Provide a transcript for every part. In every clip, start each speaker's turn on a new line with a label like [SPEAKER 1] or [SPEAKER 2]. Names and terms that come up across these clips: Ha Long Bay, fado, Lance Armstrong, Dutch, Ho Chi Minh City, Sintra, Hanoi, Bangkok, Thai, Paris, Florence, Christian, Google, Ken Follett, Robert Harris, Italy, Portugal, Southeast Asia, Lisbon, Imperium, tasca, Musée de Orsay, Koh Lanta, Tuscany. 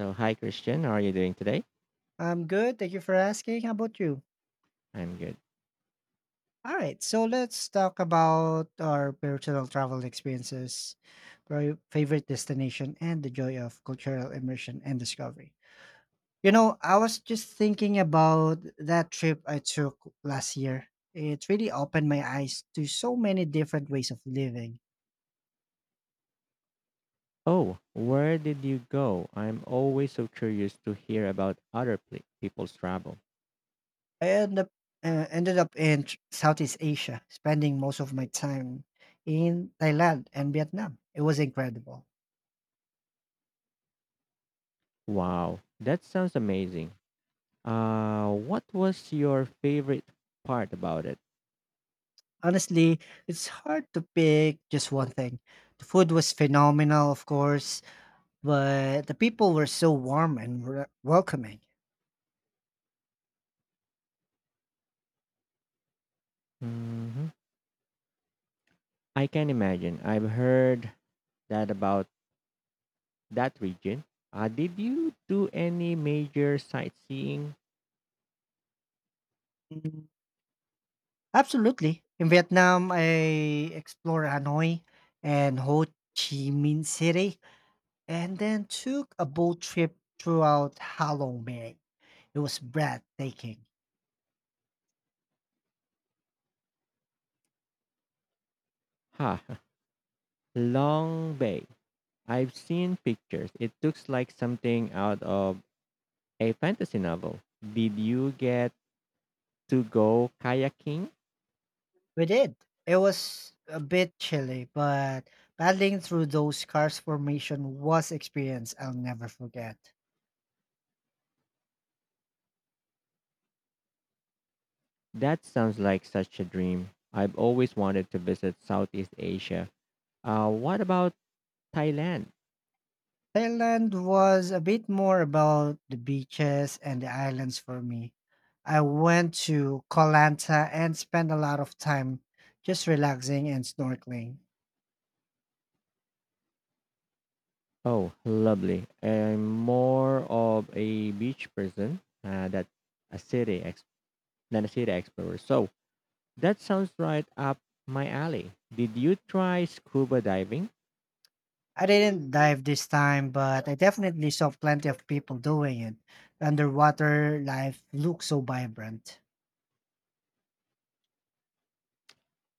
[SPEAKER 1] So, hi, Christian. How are you doing today?
[SPEAKER 2] I'm good. Thank you for asking. How about you?
[SPEAKER 1] I'm good.
[SPEAKER 2] All right. So let's talk about our personal travel experiences, our favorite destination, and the joy of cultural immersion and discovery. You know, I was just thinking about that trip I took last year. It really opened my eyes to so many different ways of living.
[SPEAKER 1] Oh, where did you go? I'm always so curious to hear about other people's travel.
[SPEAKER 2] I end up, ended up in Southeast Asia, spending most of my time in Thailand and Vietnam. It was incredible.
[SPEAKER 1] Wow, that sounds amazing. What was your favorite part about it?
[SPEAKER 2] Honestly, it's hard to pick just one thing. The food was phenomenal, of course, but the people were so warm and welcoming.
[SPEAKER 1] Hmm. I can imagine. I've heard that about that region. Did you do any major sightseeing?
[SPEAKER 2] Absolutely. In Vietnam, I explored Hanoi and Ho Chi Minh City, and then took a boat trip throughout Ha Long Bay. It was breathtaking.
[SPEAKER 1] Ha, Long Bay. I've seen pictures. It looks like something out of a fantasy novel. Did you get to go kayaking?
[SPEAKER 2] We did. It was a bit chilly, but paddling through those karst formation was experience I'll never forget.
[SPEAKER 1] That sounds like such a dream. I've always wanted to visit Southeast Asia. What about Thailand?
[SPEAKER 2] Thailand was a bit more about the beaches and the islands for me. I went to Koh Lanta and spent a lot of time just relaxing and snorkeling.
[SPEAKER 1] Oh, lovely. I'm more of a beach person that a than a city explorer. So that sounds right up my alley. Did you try scuba diving?
[SPEAKER 2] I didn't dive this time, but I definitely saw plenty of people doing it. Underwater life looks so vibrant.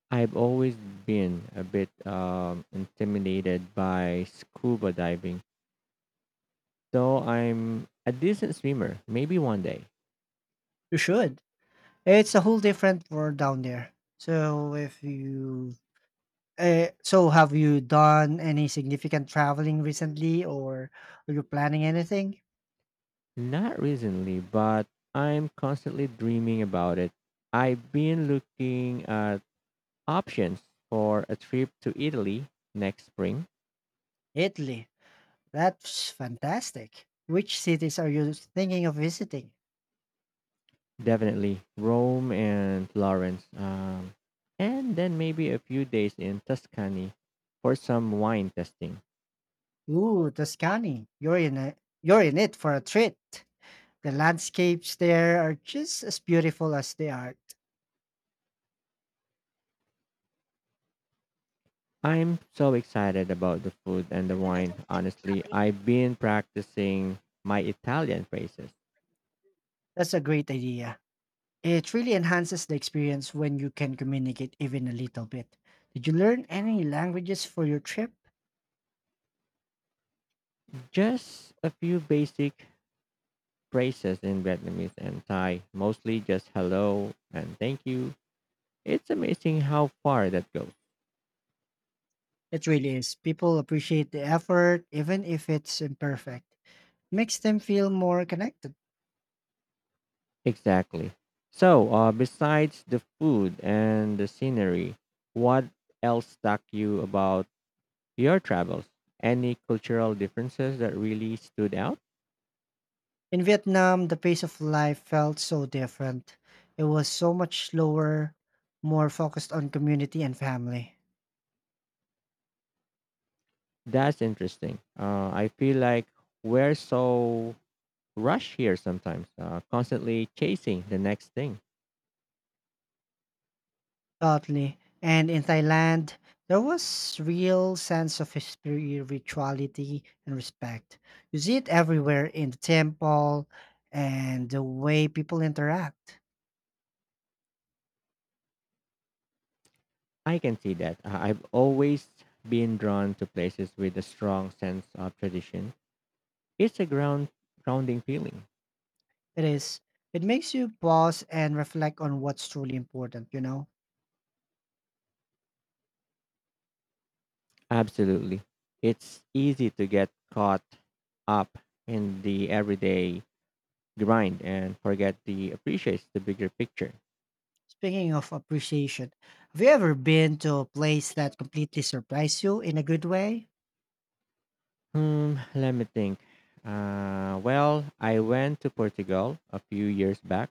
[SPEAKER 1] I've always been a bit intimidated by scuba diving. So I'm a decent swimmer, maybe one day.
[SPEAKER 2] You should. It's a whole different world down there. So if you Eh, so have you done any significant traveling recently or are you planning anything?
[SPEAKER 1] Not recently, but I'm constantly dreaming about it. I've been looking at options for a trip to Italy next spring.
[SPEAKER 2] Italy. That's fantastic. Which cities are you thinking of visiting?
[SPEAKER 1] Definitely Rome and Florence. And then maybe a few days in Tuscany for some wine testing.
[SPEAKER 2] Ooh, Tuscany. You're in it for a treat. The landscapes there are just as beautiful as the art.
[SPEAKER 1] I'm so excited about the food and the wine. Honestly, I've been practicing my Italian phrases.
[SPEAKER 2] That's a great idea. It really enhances the experience when you can communicate even a little bit. Did you learn any languages for your trip?
[SPEAKER 1] Just a few basic phrases in Vietnamese and Thai, mostly just hello and thank you. It's amazing how far that goes.
[SPEAKER 2] It really is. People appreciate the effort, even if it's imperfect. Makes them feel more connected.
[SPEAKER 1] Exactly. So, besides the food and the scenery, what else stuck you about your travels? Any cultural differences that really stood out?
[SPEAKER 2] In Vietnam, the pace of life felt so different. It was so much slower, more focused on community and family.
[SPEAKER 1] That's interesting. I feel like we're so rushed here sometimes, constantly chasing the next thing.
[SPEAKER 2] Totally. And in Thailand, there was real sense of spirituality and respect. You see it everywhere in the temple and the way people interact.
[SPEAKER 1] I can see that. I've always been drawn to places with a strong sense of tradition. It's a grounding feeling.
[SPEAKER 2] It is. It makes you pause and reflect on what's truly important, you know?
[SPEAKER 1] Absolutely. It's easy to get caught up in the everyday grind and forget the appreciates the bigger picture.
[SPEAKER 2] Speaking of appreciation, have you ever been to a place that completely surprised you in a good way?
[SPEAKER 1] Hmm, let me think. Well, I went to Portugal a few years back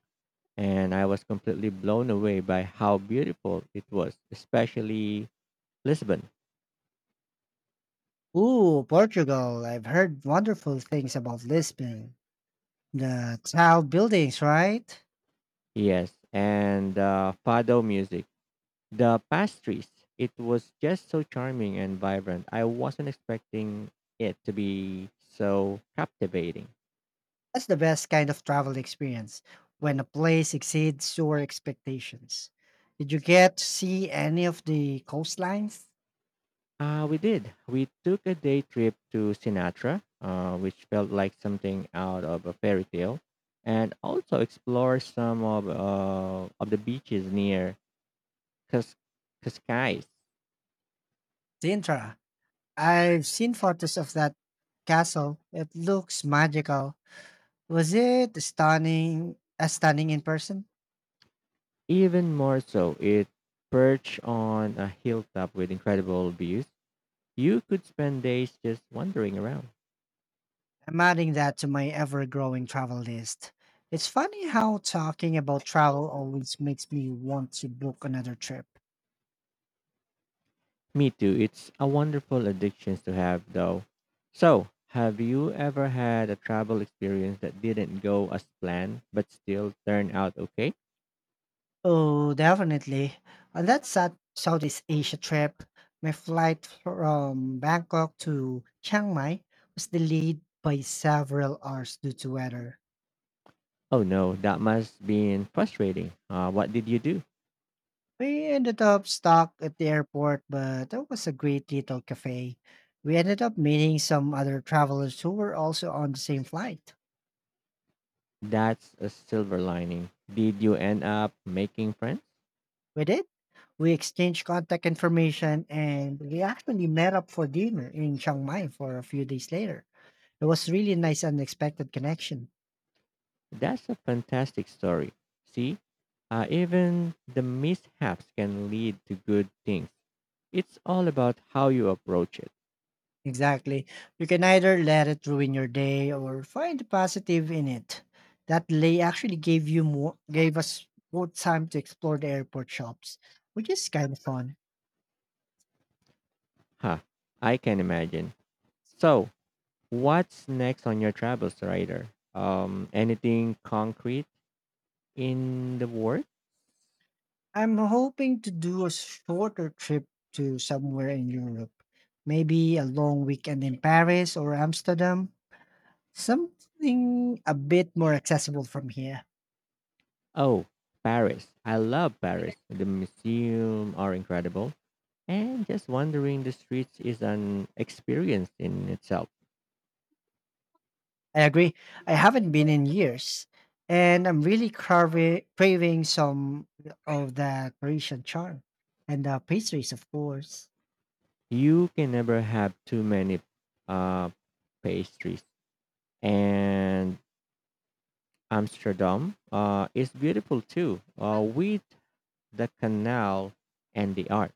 [SPEAKER 1] and I was completely blown away by how beautiful it was, especially Lisbon.
[SPEAKER 2] Ooh, Portugal. I've heard wonderful things about Lisbon. The tall buildings, right?
[SPEAKER 1] Yes, and the fado music, the pastries. It was just so charming and vibrant. I wasn't expecting it to be so captivating.
[SPEAKER 2] That's the best kind of travel experience when a place exceeds your expectations. Did you get to see any of the coastlines?
[SPEAKER 1] We did. We took a day trip to Sinatra, which felt like something out of a fairy tale, and also explored some of the beaches near Cas- Cascais.
[SPEAKER 2] Sintra. I've seen photos of that castle. It looks magical. Was it stunning as stunning in person?
[SPEAKER 1] Even more so, it perched on a hilltop with incredible views. You could spend days just wandering around.
[SPEAKER 2] I'm adding that to my ever growing travel list. It's funny how talking about travel always makes me want to book another trip.
[SPEAKER 1] Me too. It's a wonderful addiction to have, though. So, have you ever had a travel experience that didn't go as planned but still turned out okay?
[SPEAKER 2] Oh, definitely. On that Southeast Asia trip, my flight from Bangkok to Chiang Mai was delayed by several hours due to weather.
[SPEAKER 1] Oh no, that must been frustrating. What did you do?
[SPEAKER 2] We ended up stuck at the airport, but that was a great little cafe. We ended up meeting some other travelers who were also on the same flight.
[SPEAKER 1] That's a silver lining. Did you end up making friends?
[SPEAKER 2] We did. We exchanged contact information and we actually met up for dinner in Chiang Mai for a few days later. It was really nice unexpected connection.
[SPEAKER 1] That's a fantastic story. See, even the mishaps can lead to good things. It's all about how you approach it.
[SPEAKER 2] Exactly. You can either let it ruin your day or find the positive in it. That delay actually gave us more time to explore the airport shops, which is kind of fun.
[SPEAKER 1] Huh, I can imagine. So, what's next on your travels radar? Anything concrete in the work?
[SPEAKER 2] I'm hoping to do a shorter trip to somewhere in Europe. Maybe a long weekend in Paris or Amsterdam. Something a bit more accessible from here.
[SPEAKER 1] Oh, Paris. I love Paris. The museum are incredible, and just wandering the streets is an experience in itself.
[SPEAKER 2] I agree. I haven't been in years, and I'm really craving some of that Parisian charm and the pastries, of course.
[SPEAKER 1] You can never have too many uh, pastries. And Amsterdam is beautiful too, with the canal and the art.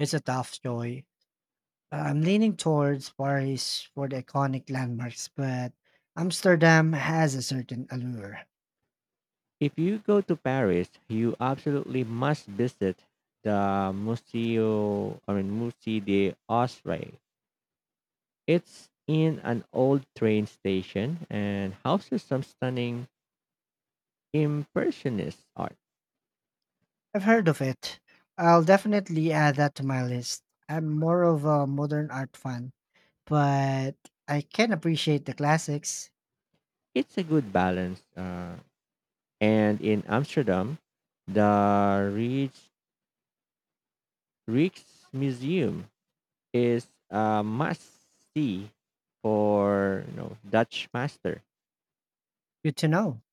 [SPEAKER 2] It's a tough choice. I'm leaning towards Paris for the iconic landmarks, but Amsterdam has a certain allure.
[SPEAKER 1] If you go to Paris, you absolutely must visit the Museo, I mean, Musée de Orsay. It's in an old train station and houses some stunning impressionist art.
[SPEAKER 2] I've heard of it. I'll definitely add that to my list. I'm more of a modern art fan, but I can appreciate the classics.
[SPEAKER 1] It's a good balance. And in Amsterdam, the Rijksmuseum is a must see for Dutch master.
[SPEAKER 2] Good to know.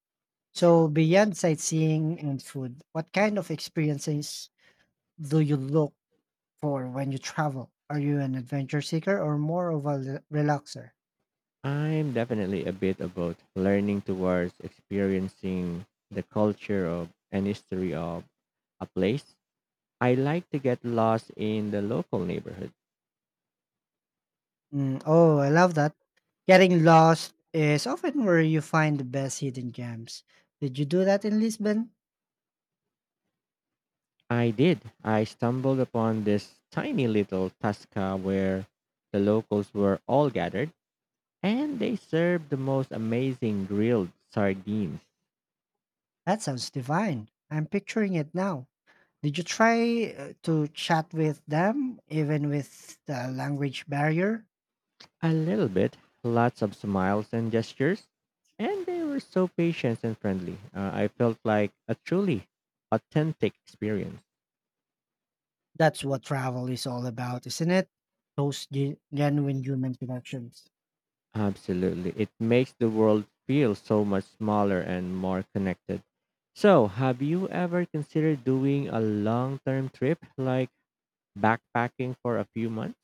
[SPEAKER 2] So beyond sightseeing and food, what kind of experiences do you look for when you travel? Are you an adventure seeker or more of a relaxer?
[SPEAKER 1] I'm definitely a bit about learning towards experiencing the culture of and history of a place. I like to get lost in the local neighborhood.
[SPEAKER 2] Mm, oh, I love that. Getting lost is often where you find the best hidden gems. Did you do that in Lisbon?
[SPEAKER 1] I did. I stumbled upon this tiny little tasca where the locals were all gathered and they served the most amazing grilled sardines.
[SPEAKER 2] That sounds divine. I'm picturing it now. Did you try to chat with them even with the language barrier?
[SPEAKER 1] A little bit, lots of smiles and gestures, and they were so patient and friendly. I felt like a truly authentic experience.
[SPEAKER 2] That's what travel is all about, isn't it? Those genuine human connections.
[SPEAKER 1] Absolutely. It makes the world feel so much smaller and more connected. So, have you ever considered doing a long term trip like backpacking for a few months?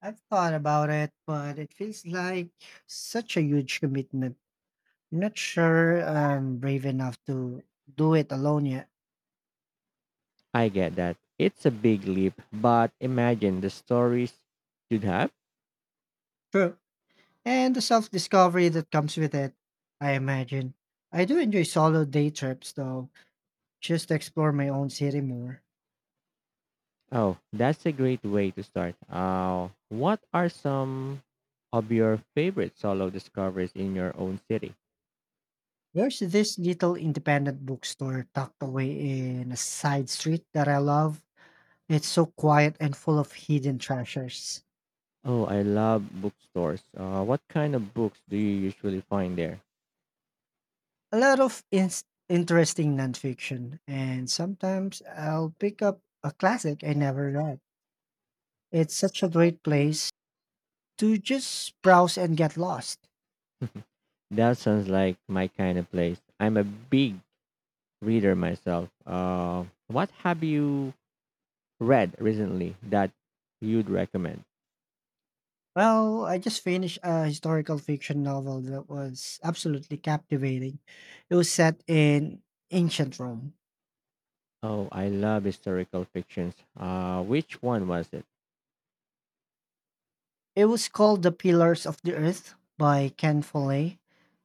[SPEAKER 2] I've thought about it, but it feels like such a huge commitment. I'm not sure I'm brave enough to do it alone yet.
[SPEAKER 1] I get that. It's a big leap, but imagine the stories you'd have.
[SPEAKER 2] True. And the self discovery that comes with it, I imagine. I do enjoy solo day trips, though, just to explore my own city more.
[SPEAKER 1] Oh, that's a great way to start. What are some of your favorite solo discoveries in your own city?
[SPEAKER 2] There's this little independent bookstore tucked away in a side street that I love. It's so quiet and full of hidden treasures.
[SPEAKER 1] Oh, I love bookstores. What kind of books do you usually find there?
[SPEAKER 2] A lot of ins interesting nonfiction, and sometimes I'll pick up a classic I never read. It's such a great place to just browse and get lost.
[SPEAKER 1] That sounds like my kind of place. I'm a big reader myself. What have you read recently that you'd recommend?
[SPEAKER 2] Well, I just finished a historical fiction novel that was absolutely captivating. It was set in ancient Rome.
[SPEAKER 1] Oh, I love historical fictions. Which one was it?
[SPEAKER 2] It was called The Pillars of the Earth by Ken Follett.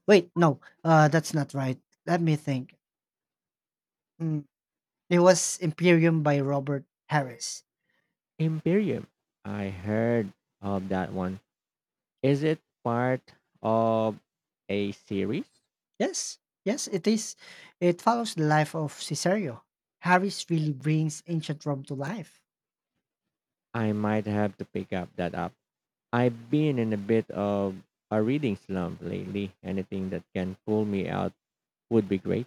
[SPEAKER 2] Wait, no, that's not right. Let me think. Hmm. It was Imperium by Robert Harris.
[SPEAKER 1] Imperium. I heard of that one. Is it part of a series?
[SPEAKER 2] Yes, yes, it is. It follows the life of Caesario. Harris really brings ancient Rome to life.
[SPEAKER 1] I might have to pick up that up. I've been in a bit of a reading slump lately. Anything that can pull me out would be great.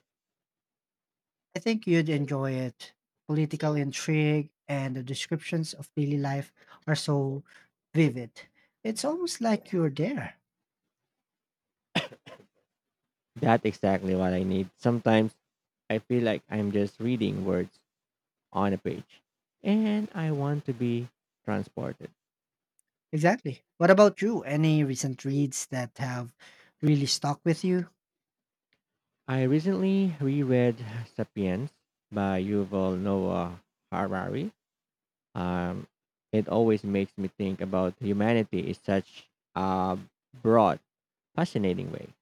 [SPEAKER 2] I think you'd enjoy it. Political intrigue and the descriptions of daily life are so vivid. It's almost like you're there.
[SPEAKER 1] That's exactly what I need. Sometimes I feel like I'm just reading words on a page and I want to be transported.
[SPEAKER 2] Exactly. What about you? Any recent reads that have really stuck with you?
[SPEAKER 1] I recently reread Sapiens by Yuval Noah Harari. Um, it always makes me think about humanity in such a broad, fascinating way.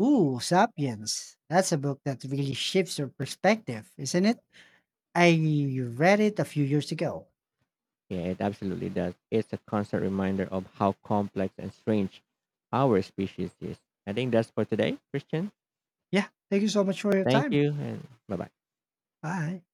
[SPEAKER 2] Ooh, Sapiens. That's a book that really shifts your perspective, isn't it? I read it a few years ago.
[SPEAKER 1] Yeah, it absolutely does. It's a constant reminder of how complex and strange our species is. I think that's for today, Christian.
[SPEAKER 2] Yeah. Thank you so much for your
[SPEAKER 1] Thank
[SPEAKER 2] time.
[SPEAKER 1] you and bye bye.
[SPEAKER 2] Bye.